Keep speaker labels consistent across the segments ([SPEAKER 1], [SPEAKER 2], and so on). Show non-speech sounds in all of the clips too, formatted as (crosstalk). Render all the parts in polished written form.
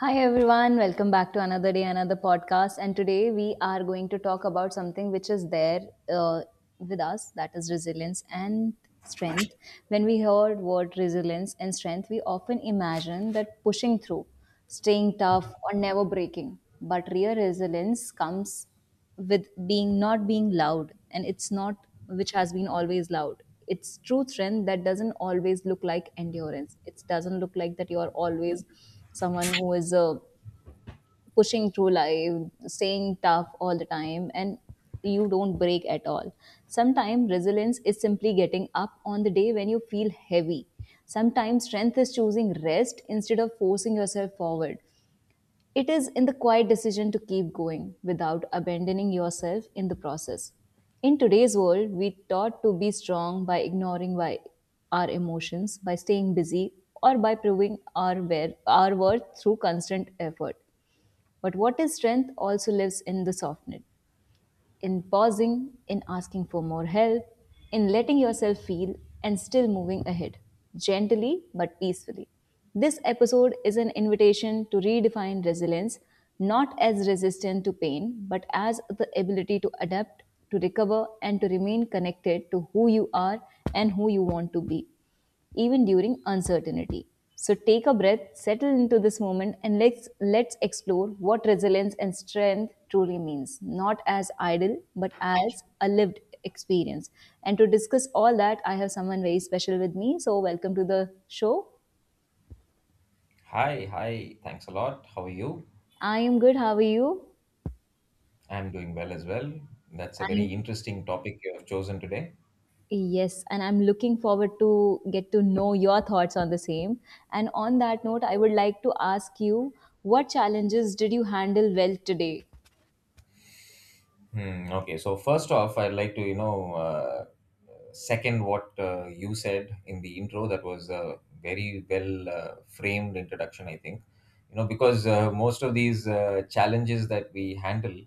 [SPEAKER 1] Hi everyone, welcome back to another day, another podcast. And today we are going to talk about something which is there uh, with us, that is resilience and strength. When we heard word resilience and strength, we often imagine that pushing through, staying tough, or never breaking. But real resilience comes with being not being loud, and it's not which has been always loud. It's true strength that doesn't always look like endurance. It doesn't look like that you are always someone who is pushing through life, staying tough all the time, and you don't break at all. Sometimes resilience is simply getting up on the day when you feel heavy. Sometimes strength is choosing rest instead of forcing yourself forward. It is in the quiet decision to keep going without abandoning yourself in the process. In today's world, we taught to be strong by ignoring, by our emotions, by staying busy, or by proving our, our worth through constant effort. But what is strength also lives in the softness, in pausing, in asking for more help, in letting yourself feel and still moving ahead, gently but peacefully. This episode is an invitation to redefine resilience not as resistance to pain, but as the ability to adapt, to recover, and to remain connected to who you are and who you want to be, even during uncertainty. So take a breath, settle into this moment, and let's explore what resilience and strength truly means, not as idle, but as a lived experience. And to discuss all that, I have someone very special with me. So welcome to the show.
[SPEAKER 2] Hi, hi. Thanks a lot. How are you?
[SPEAKER 1] I am good. How are you?
[SPEAKER 2] I'm doing well as well. That's a very
[SPEAKER 1] Thank—
[SPEAKER 2] interesting topic you have chosen today.
[SPEAKER 1] yes, and I'm looking forward to get to know your thoughts on the same. And on that note, I would like to ask you, what challenges did you handle well today?
[SPEAKER 2] Okay, so first off, I'd like to, second what you said in the intro. That was a very well framed introduction, I think. You know, because most of these challenges that we handle,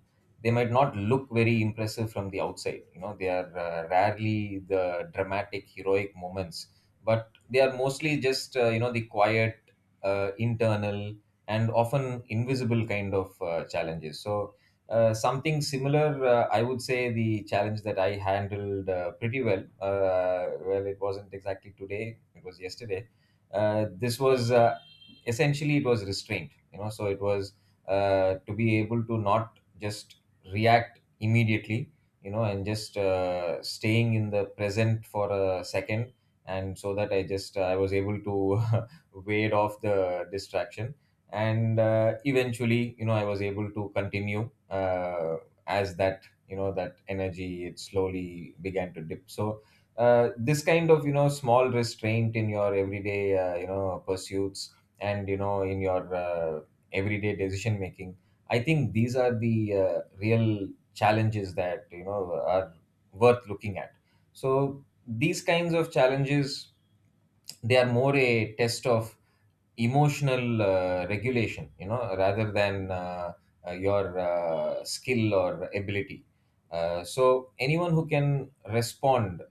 [SPEAKER 2] they might not look very impressive from the outside. You know, they are rarely the dramatic, heroic moments, but they are mostly just, you know, the quiet, internal, and often invisible kind of challenges. So, something similar, I would say the challenge that I handled pretty well. Well, it wasn't exactly today, it was yesterday. This was essentially it was restraint, you know, so it was to be able to not just react immediately, you know, and just staying in the present for a second. And so that I was able to (laughs) wade off the distraction, and eventually, you know, I was able to continue as that, you know, that energy, it slowly began to dip. So this kind of, you know, small restraint in your everyday, you know, pursuits, and, you know, in your, everyday decision making, I think these are the real challenges that, you know, are worth looking at. So these kinds of challenges, they are more a test of emotional regulation, you know, rather than your skill or ability. So anyone who can respond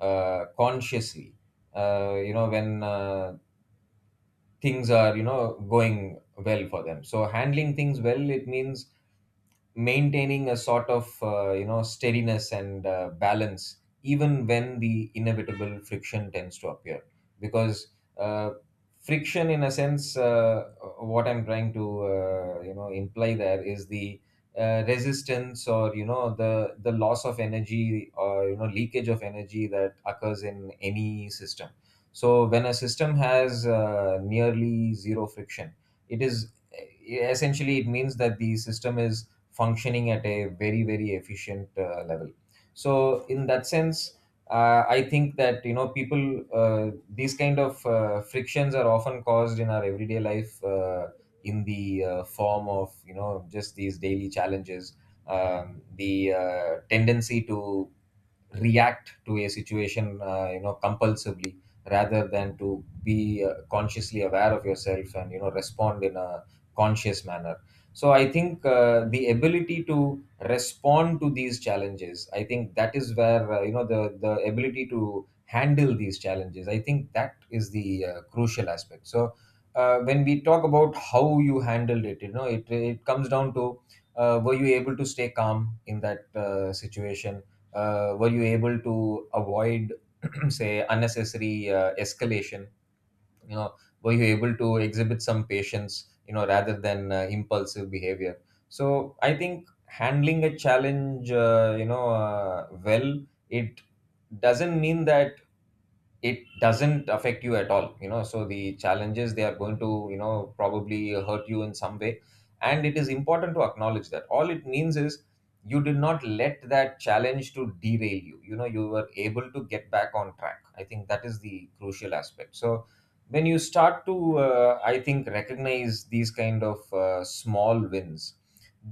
[SPEAKER 2] consciously, you know, when things are, you know, going well for them, so handling things well, it means maintaining a sort of, you know, steadiness and balance even when the inevitable friction tends to appear. Because uh, friction in a sense, what I'm trying to, you know, imply there is the resistance or, you know, the loss of energy, or, you know, leakage of energy that occurs in any system. So when a system has nearly zero friction, it is essentially it means that the system is functioning at a very, very efficient level. So in that sense, I think that, you know, people, these kind of frictions are often caused in our everyday life, in the form of, you know, just these daily challenges. The tendency to react to a situation you know, compulsively, rather than to be consciously aware of yourself and, you know, respond in a conscious manner. So I think the ability to respond to these challenges, I think that is where, you know, the ability to handle these challenges, I think that is the crucial aspect. So when we talk about how you handled it, you know, it comes down to, were you able to stay calm in that situation? Were you able to avoid (clears throat) say unnecessary escalation, you know? Were you able to exhibit some patience, you know, rather than impulsive behavior? So I think handling a challenge, well, it doesn't mean that it doesn't affect you at all, you know. So the challenges, they are going to, you know, probably hurt you in some way, and it is important to acknowledge that. All it means is you did not let that challenge to derail you, you know, you were able to get back on track. I think that is the crucial aspect. So when you start to, I think, recognize these kind of small wins,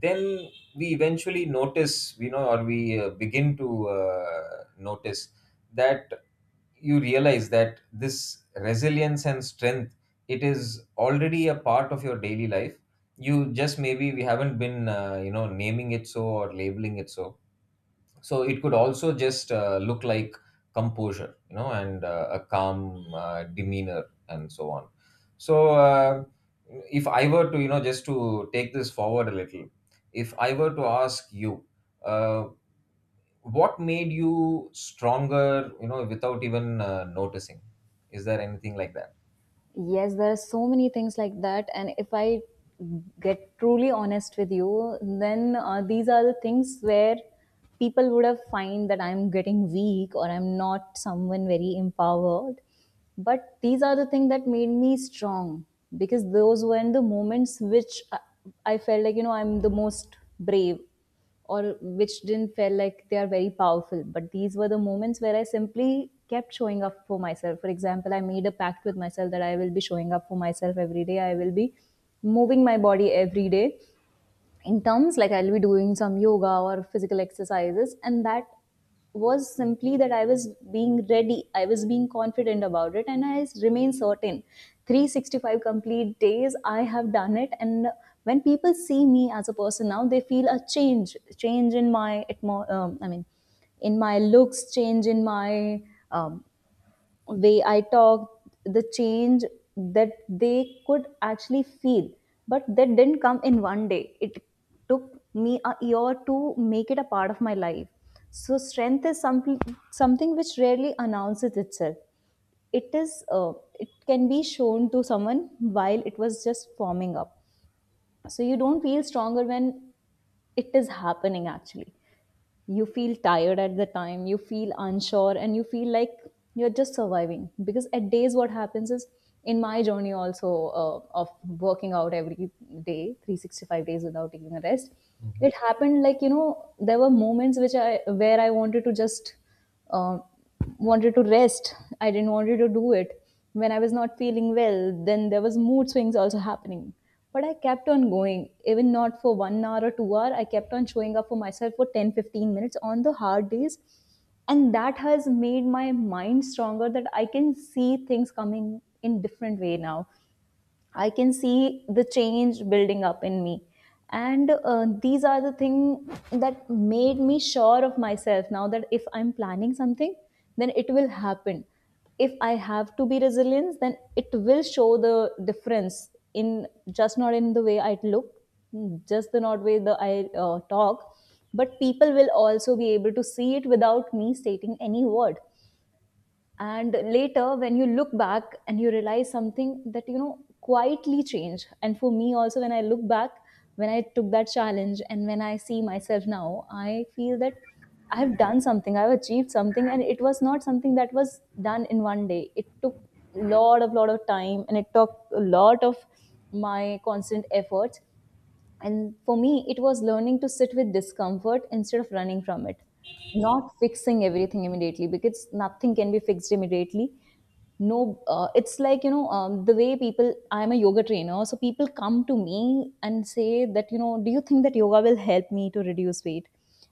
[SPEAKER 2] then we eventually notice, you know, or we begin to notice that, you realize that this resilience and strength, it is already a part of your daily life. You just maybe we haven't been, you know, naming it so, or labeling it so. So it could also just look like composure, you know, and a calm demeanor, and so on. So if I were to, you know, just to take this forward a little, if I were to ask you, uh, what made you stronger, you know, without even noticing, is there anything like that?
[SPEAKER 1] Yes, there are so many things like that. And if I get truly honest with you, then these are the things where people would have find that I'm getting weak or I'm not someone very empowered. But these are the things that made me strong, because those were in the moments which I felt like, you know, I'm the most brave, or which didn't feel like they are very powerful. But these were the moments where I simply kept showing up for myself. For example, I made a pact with myself that I will be showing up for myself every day. I will be moving my body every day, in terms like I'll be doing some yoga or physical exercises, and that was simply that I was being ready, I was being confident about it, and I remain certain. 365 complete days, I have done it, and when people see me as a person now, they feel a change, change in my, I mean, in my looks, change in my um, way I talked, the change that they could actually feel. But that didn't come in one day. It took me a year to make it a part of my life. So strength is something which rarely announces itself. It is it can be shown to someone while it was just forming up. So you don't feel stronger when it is happening. Actually, you feel tired at the time, you feel unsure, and you feel like you're just surviving, because at days what happens is, in my journey also of working out every day 365 days without taking a rest,
[SPEAKER 2] Mhm.
[SPEAKER 1] it happened like, you know, there were moments which I where I wanted to just um wanted to rest. I didn't wanted to do it. When I was not feeling well, then there was mood swings also happening. But I kept on going, even not for one hour or two hour. I kept on showing up for myself for 10, 15 minutes on the hard days. And that has made my mind stronger, that I can see things coming in different way now. I can see the change building up in me. And these are the thing that made me sure of myself now, that if I'm planning something, then it will happen. If I have to be resilient, then it will show the difference in just not in the way I look, just the not way the I talk, but people will also be able to see it without me stating any word. And later, when you look back and you realize something that, you know, quietly changed. And for me also, when I look back, when I took that challenge and when I see myself now, I feel that I've done something, I've achieved something, and it was not something that was done in one day. It took a lot of time, and it took a lot of my constant efforts. And for me, it was learning to sit with discomfort instead of running from it, not fixing everything immediately, because nothing can be fixed immediately. No, it's like, you know, the way people— I'm a yoga trainer, so people come to me and say that, you know, do you think that yoga will help me to reduce weight?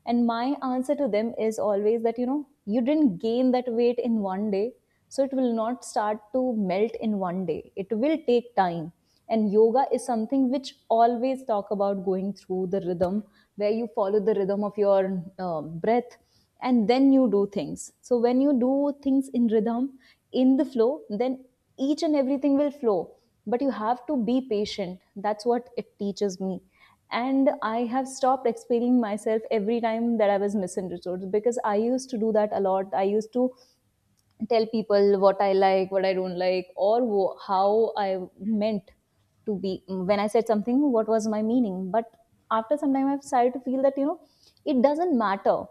[SPEAKER 1] And my answer to them is always that, you know, you didn't gain that weight in one day, so it will not start to melt in one day. It will take time. And yoga is something which always talk about going through the rhythm, where you follow the rhythm of your breath, and then you do things. So when you do things in rhythm, in the flow, then each and everything will flow. But you have to be patient. That's what it teaches me. And I have stopped explaining myself every time that I was misunderstood, because I used to do that a lot. I used to tell people what I like, what I don't like, or how I meant to be. When I said something, what was my meaning? But after some time, I've started to feel that, you know, it doesn't matter.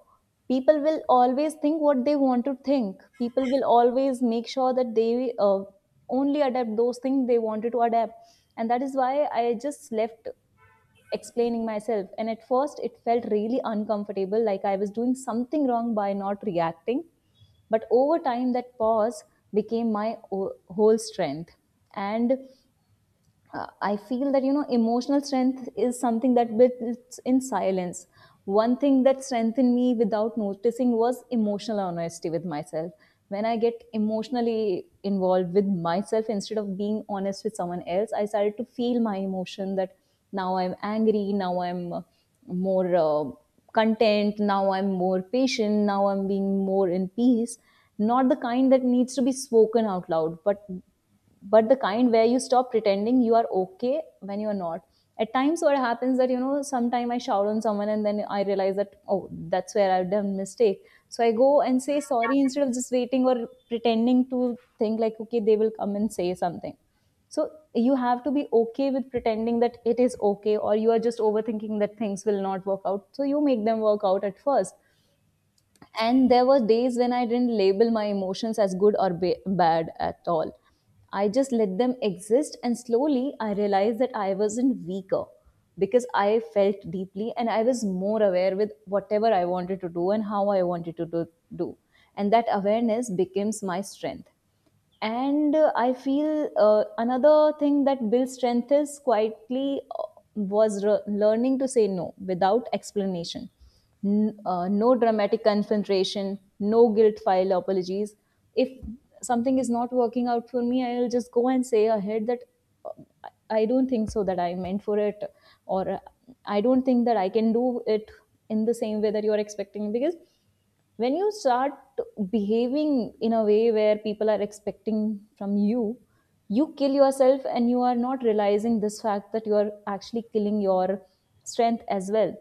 [SPEAKER 1] People will always think what they want to think. People will always make sure that they only adapt those things they wanted to adapt. And that is why I just left explaining myself. And at first, it felt really uncomfortable, like I was doing something wrong by not reacting. But over time, that pause became my whole strength. And I feel that, you know, emotional strength is something that builds in silence. One thing that strengthened me without noticing was emotional honesty with myself. When I get emotionally involved with myself instead of being honest with someone else, I started to feel my emotion, that now I'm angry, now I'm more content, now I'm more patient, now I'm being more in peace. Not the kind that needs to be spoken out loud, but the kind where you stop pretending you are okay when you're not. At times what happens, that, you know, sometime I shout on someone and then I realize that, oh, that's where I've done mistake. So I go and say sorry instead of just waiting or pretending to think like, okay, they will come and say something. So you have to be okay with pretending that it is okay, or you are just overthinking that things will not work out, so you make them work out at first. And there were days when I didn't label my emotions as good or bad at all. I just let them exist, and slowly I realized that I wasn't weaker because I felt deeply, and I was more aware with whatever I wanted to do and how I wanted to do. And that awareness becomes my strength. And I feel another thing that builds strength is quietly, was learning to say no without explanation. No dramatic confrontation, no guilt file apologies. If something is not working out for me, I'll just go and say ahead that uh, I don't think so that I'm meant for it, or I don't think that I can do it in the same way that you're expecting. Because when you start behaving in a way where people are expecting from you, you kill yourself, and you are not realizing this fact that you are actually killing your strength as well.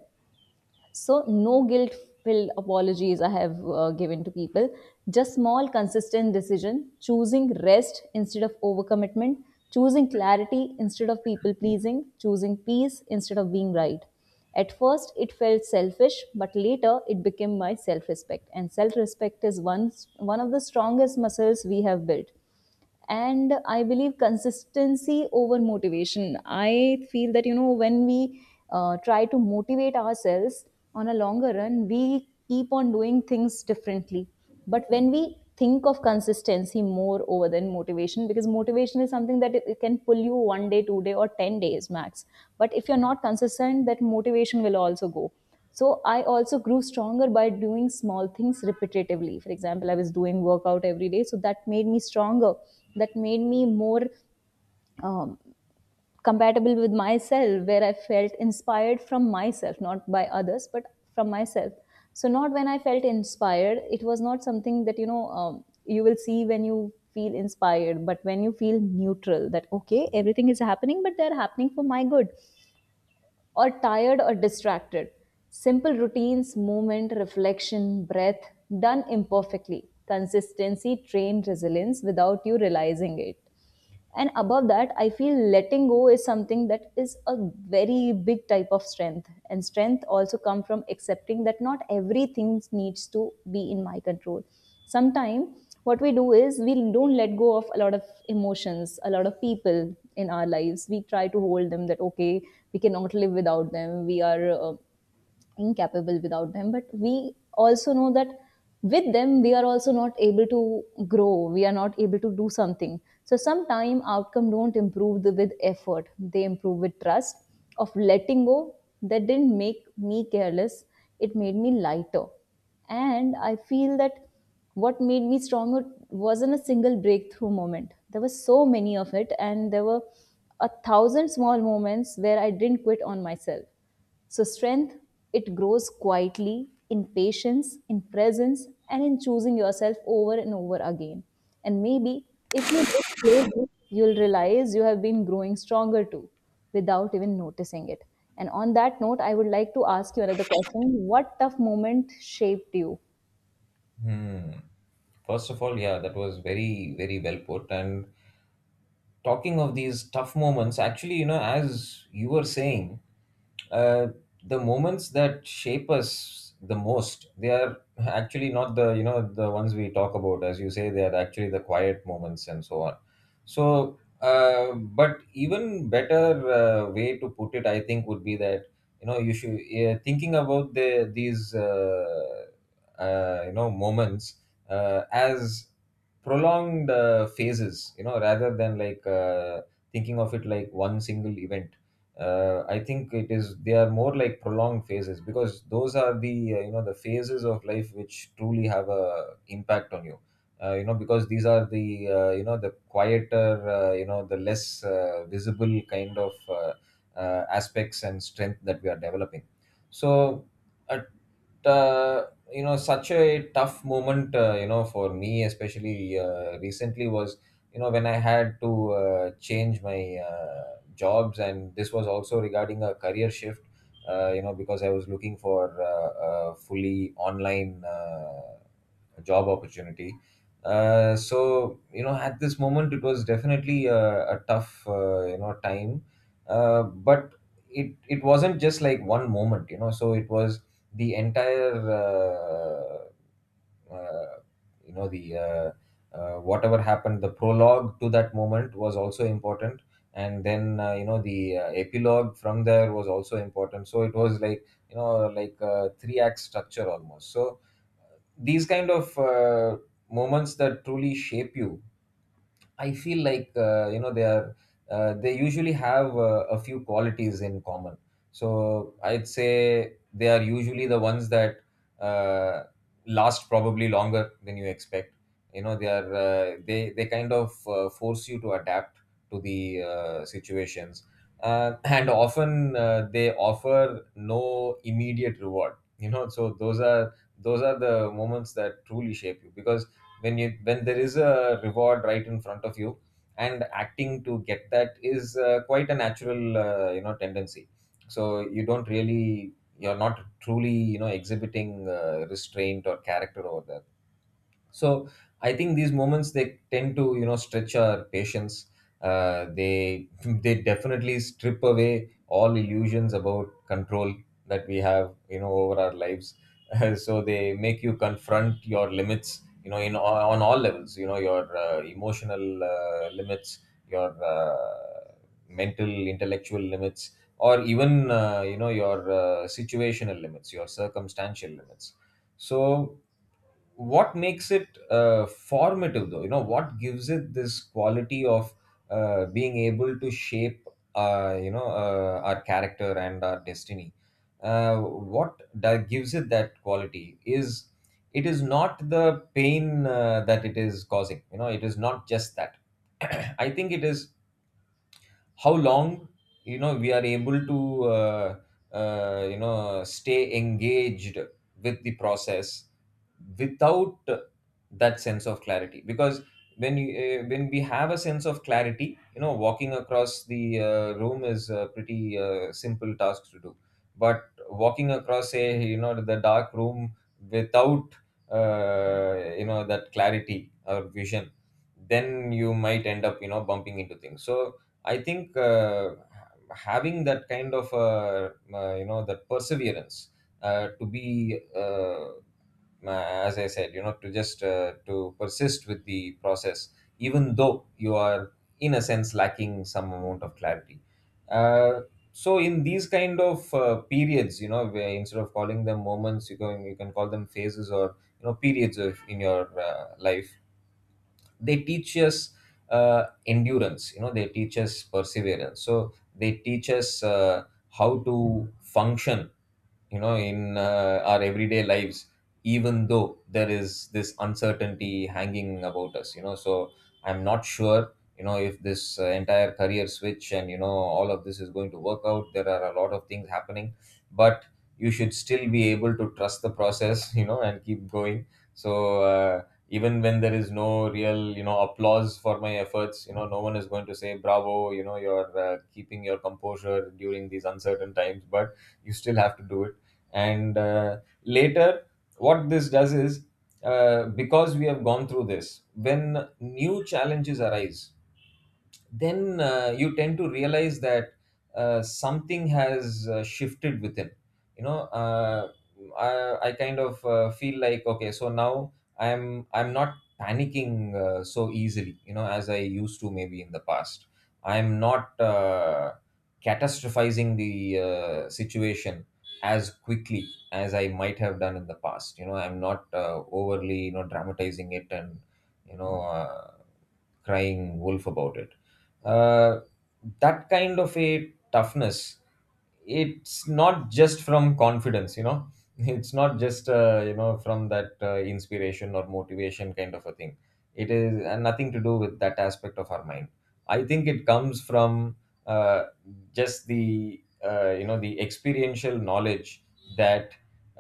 [SPEAKER 1] So, no guilt filled apologies I have given to people. Just small, consistent decision, choosing rest instead of overcommitment, choosing clarity instead of people pleasing, choosing peace instead of being right. At first, it felt selfish, but later it became my self respect. And self respect is one of the strongest muscles we have built, and I believe consistency over motivation. I feel that, you know, when we try to motivate ourselves on a longer run, we keep on doing things differently. But when we think of consistency more over than motivation, because motivation is something that it can pull you one day, two day, or 10 days max. But if you're not consistent, that motivation will also go. So I also grew stronger by doing small things repetitively. For example, I was doing workout every day, so that made me stronger. That made me more um, compatible with myself, where I felt inspired from myself, not by others, but from myself. So not when I felt inspired, it was not something that, you know, you will see when you feel inspired, but when you feel neutral, that okay, everything is happening but they're happening for my good, or tired or distracted. Simple routines, movement, reflection, breath, done imperfectly. Consistency trained resilience without you realizing it. And above that, I feel letting go is something that is a very big type of strength, and strength also come from accepting that not everything needs to be in my control. Sometimes what we do is we don't let go of a lot of emotions, a lot of people in our lives. We try to hold them that okay, we cannot live without them, we are incapable without them. But we also know that with them we are also not able to grow, we are not able to do something. So sometimes outcome don't improve with effort, they improve with trust of letting go. That didn't make me careless, it made me lighter. And I feel that what made me stronger wasn't a single breakthrough moment. There were so many of it, and there were a thousand small moments where I didn't quit on myself. So, strength, it grows quietly, in patience, in presence, and in choosing yourself over and over again. And maybe if you look closely, you'll realize you have been growing stronger too without even noticing it. And on that note, I would like to ask you another question. What tough moment shaped you?
[SPEAKER 2] Hmm. First of all, yeah, that was very, very well put. And talking of these tough moments, actually, you know, as you were saying, uh, the moments that shape us the most, they are actually not the, you know, the ones we talk about. As you say, they are actually the quiet moments and so on. So, but even better way to put it, I think, would be that, you know, you should, thinking about you know, moments as prolonged phases, you know, rather than like thinking of it like one single event. I think it is they are more like prolonged phases, because those are the, you know, the phases of life which truly have a impact on you. You know, because these are the, you know, the quieter, you know, the less visible kind of aspects and strength that we are developing. So at, uh, you know, such a tough moment, you know, for me especially, recently was, you know, when I had to change my jobs, and this was also regarding a career shift. You know, because I was looking for a fully online job opportunity. So you know, at this moment, it was definitely a tough, you know, time. But it wasn't just like one moment, you know. So it was the entire, uh, you know, the whatever happened, the prologue to that moment was also important, and then, you know, the epilogue from there was also important. So it was like, you know, like a three act structure almost. So these kind of moments that truly shape you, I feel like, you know, they are, they usually have a few qualities in common. So I'd say they are usually the ones that uh, last probably longer than you expect. You know, they are, they, kind of, force you to adapt to the situations, and often they offer no immediate reward. You know, so those are, those are the moments that truly shape you. Because when you, when there is a reward right in front of you, and acting to get that is, quite a natural, you know, tendency. So you don't really, you're not truly, you know, exhibiting restraint or character over there. So I think these moments, they tend to, you know, stretch our patience. They (laughs) they definitely strip away all illusions about control that we have, you know, over our lives. (laughs) So they make you confront your limits, you know, in, on all levels, you know, your emotional limits, your, mental intellectual limits, or even you know, your situational limits, your circumstantial limits. So what makes it formative, though, you know, what gives it this quality of being able to shape, our character and our destiny, what that gives it that quality is, it is not the pain that it is causing, you know, it is not just that. (clears throat) I think it is how long, you know, we are able to, you know, stay engaged with the process without that sense of clarity. Because when you, when we have a sense of clarity, you know, walking across the room is a pretty simple task to do. But walking across, say, you know, the dark room without, you know, that clarity or vision, then you might end up, you know, bumping into things. So I think, having that kind of you know, that perseverance, to be, as I said, you know, to just to persist with the process, even though you are, in a sense, lacking some amount of clarity. Uh, so in these kind of periods, you know, where instead of calling them moments, you can, you can call them phases, or, you know, periods of, in your life, they teach us, endurance, you know, they teach us perseverance. So they teach us how to function, you know, in our everyday lives, even though there is this uncertainty hanging about us, you know. So I'm not sure, you know, if this entire career switch, and, you know, all of this is going to work out, there are a lot of things happening, but you should still be able to trust the process. (laughs) You know, and keep going. So even when there is no real, you know, applause for my efforts, you know, no one is going to say bravo, you know, you're, keeping your composure during these uncertain times, but you still have to do it. And later, what this does is, because we have gone through this, when new challenges arise, then you tend to realize that something has shifted within, you know. I kind of feel like, okay, so now I'm not panicking so easily, you know, as I used to maybe in the past. I'm not catastrophizing the situation as quickly as I might have done in the past, you know. I'm not overly, you know, dramatizing it and, you know uh, crying wolf about it. uh, that kind of a toughness, it's not just from confidence, you know. (laughs) It's not just, you know, from that inspiration or motivation kind of a thing. It is and nothing to do with that aspect of our mind. I think it comes from, uh, just the, you know, the experiential knowledge that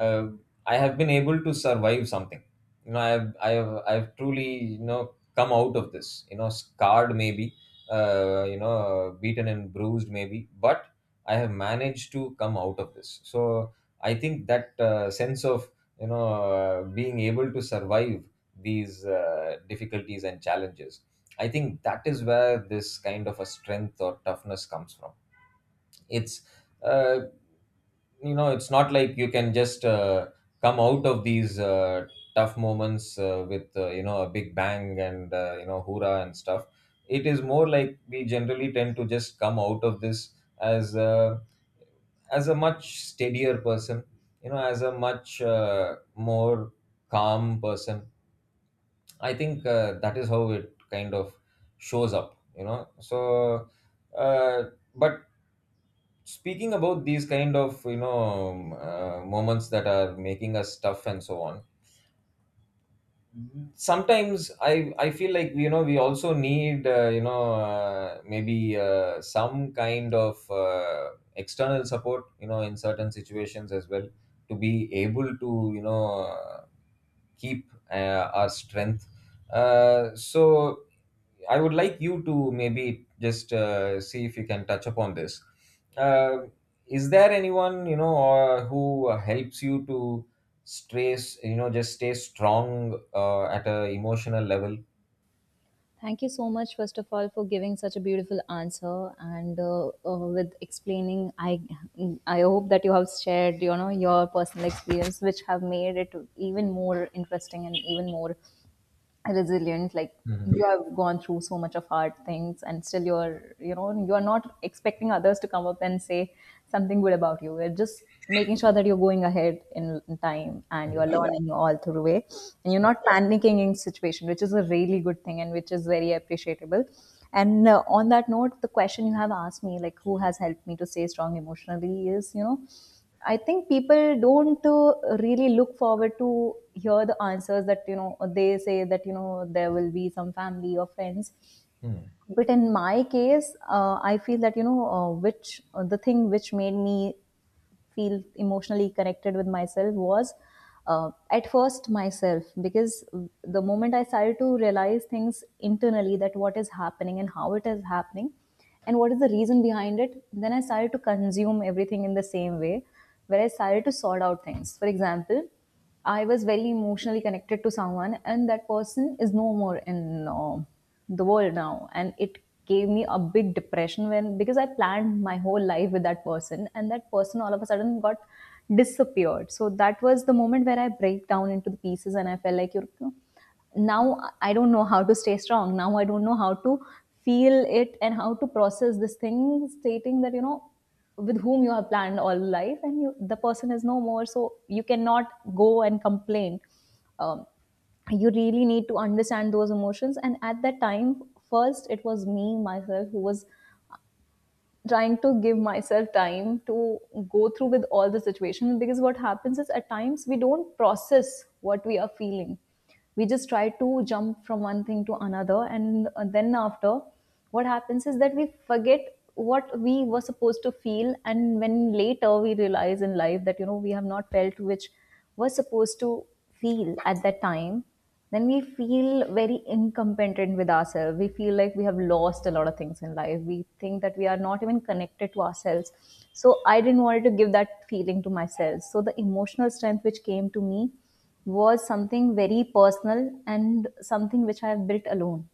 [SPEAKER 2] uh, I have been able to survive something, you know. I have truly, you know, come out of this, you know, scarred maybe, you know, beaten and bruised maybe, but I have managed to come out of this. So I think that sense of, you know, being able to survive these difficulties and challenges, I think that is where this kind of a strength or toughness comes from. It's, uh, you know, it's not like you can just, come out of these tough moments with, you know, a big bang, and, you know, hoorah and stuff. It is more like we generally tend to just come out of this as as a much steadier person, you know, as a much more calm person. I think that is how it kind of shows up, you know. So uh, but speaking about these kind of, you know, moments that are making us tough and so on, sometimes I feel like, you know, we also need, you know maybe some kind of external support, you know, in certain situations as well, to be able to, you know, uh, keep our strength. So I would like you to maybe just see if you can touch upon this. Uh, is there anyone, you know, or who helps you to stay, you know, just stay strong at a emotional level?
[SPEAKER 1] Thank you so much, first of all, for giving such a beautiful answer and, with explaining. I hope that you have shared, you know, your personal experience, which have made it even more interesting and even more resilient. Like,
[SPEAKER 2] hmm
[SPEAKER 1] you have gone through so much of hard things, and still you're, you know, you're not expecting others to come up and say something good about you. You're just making sure that you're going ahead in time, and you're
[SPEAKER 2] Yeah,
[SPEAKER 1] learning all through the way, and you're
[SPEAKER 2] yeah.
[SPEAKER 1] not panicking in situation, which is a really good thing and which is very appreciable. And on that note, the question you have asked me, like who has helped me to stay strong emotionally, is, you know, I think people don't really look forward to hear the answers that, you know, they say that, you know, there will be some family or friends.
[SPEAKER 2] Hmm.
[SPEAKER 1] But in my case, I feel that, you know, which, the thing which made me feel emotionally connected with myself was at first myself, because the moment I started to realize things internally, that what is happening and how it is happening and what is the reason behind it, then I started to consume everything in the same way, where I started to sort out things. For example, I was very emotionally connected to someone, and that person is no more in the world now. And it gave me a big depression, when because I planned my whole life with that person, and that person all of a sudden got disappeared. So that was the moment where I break down into the pieces, and I felt like, you know, now I don't know how to stay strong. Now I don't know how to feel it and how to process this thing, stating that, you know, with whom you have planned all life and you, the person is no more, so you cannot go and complain um, you really need to understand those emotions. And at that time, first it was me myself who was trying to give myself time to go through with all the situation. Because what happens is, at times we don't process what we are feeling, we just try to jump from one thing to another, and then after, what happens is that we forget what we were supposed to feel. And when later we realize in life that, you know, we have not felt which was supposed to feel at that time, then we feel very incompetent with ourselves. We feel like we have lost a lot of things in life. We think that we are not even connected to ourselves. So I didn't want to give that feeling to myself. So the emotional strength which came to me was something very personal and something which I have built alone.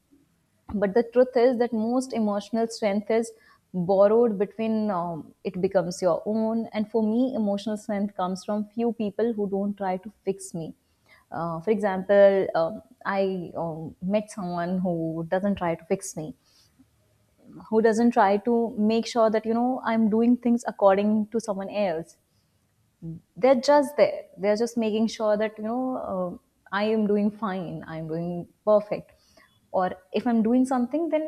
[SPEAKER 1] But the truth is that most emotional strength is borrowed between, it becomes your own. And for me, emotional strength comes from few people who don't try to fix me. For example, I, met someone who doesn't try to fix me, who doesn't try to make sure that, you know, I'm doing things according to someone else. They're just there, they're just making sure that, you know, I am doing fine, I'm doing perfect. Or if I'm doing something, then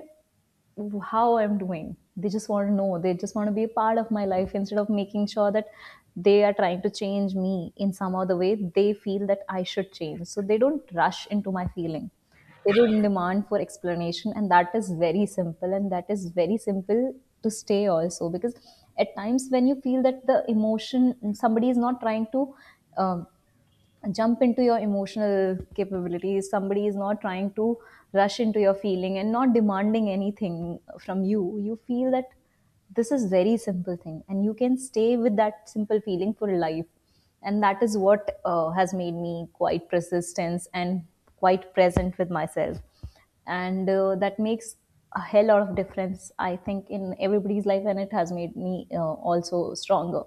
[SPEAKER 1] how I'm doing, they just want to know, they just want to be a part of my life, instead of making sure that they are trying to change me in some other way. They feel that I should change, so they don't rush into my feeling, they would demand for explanation. And that is very simple, and that is very simple to stay also. Because at times when you feel that the emotion, somebody is not trying to, um jump into your emotional capabilities, somebody is not trying to rush into your feeling and not demanding anything from you, you feel that this is very simple thing, and you can stay with that simple feeling for life. And that is what has made me quite persistent and quite present with myself. And that makes a hell lot of difference, I think, in everybody's life, and it has made me also stronger.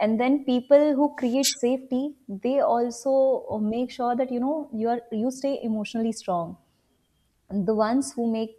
[SPEAKER 1] And then people who create safety, they also make sure that, you know, you are, you stay emotionally strong. And the ones who make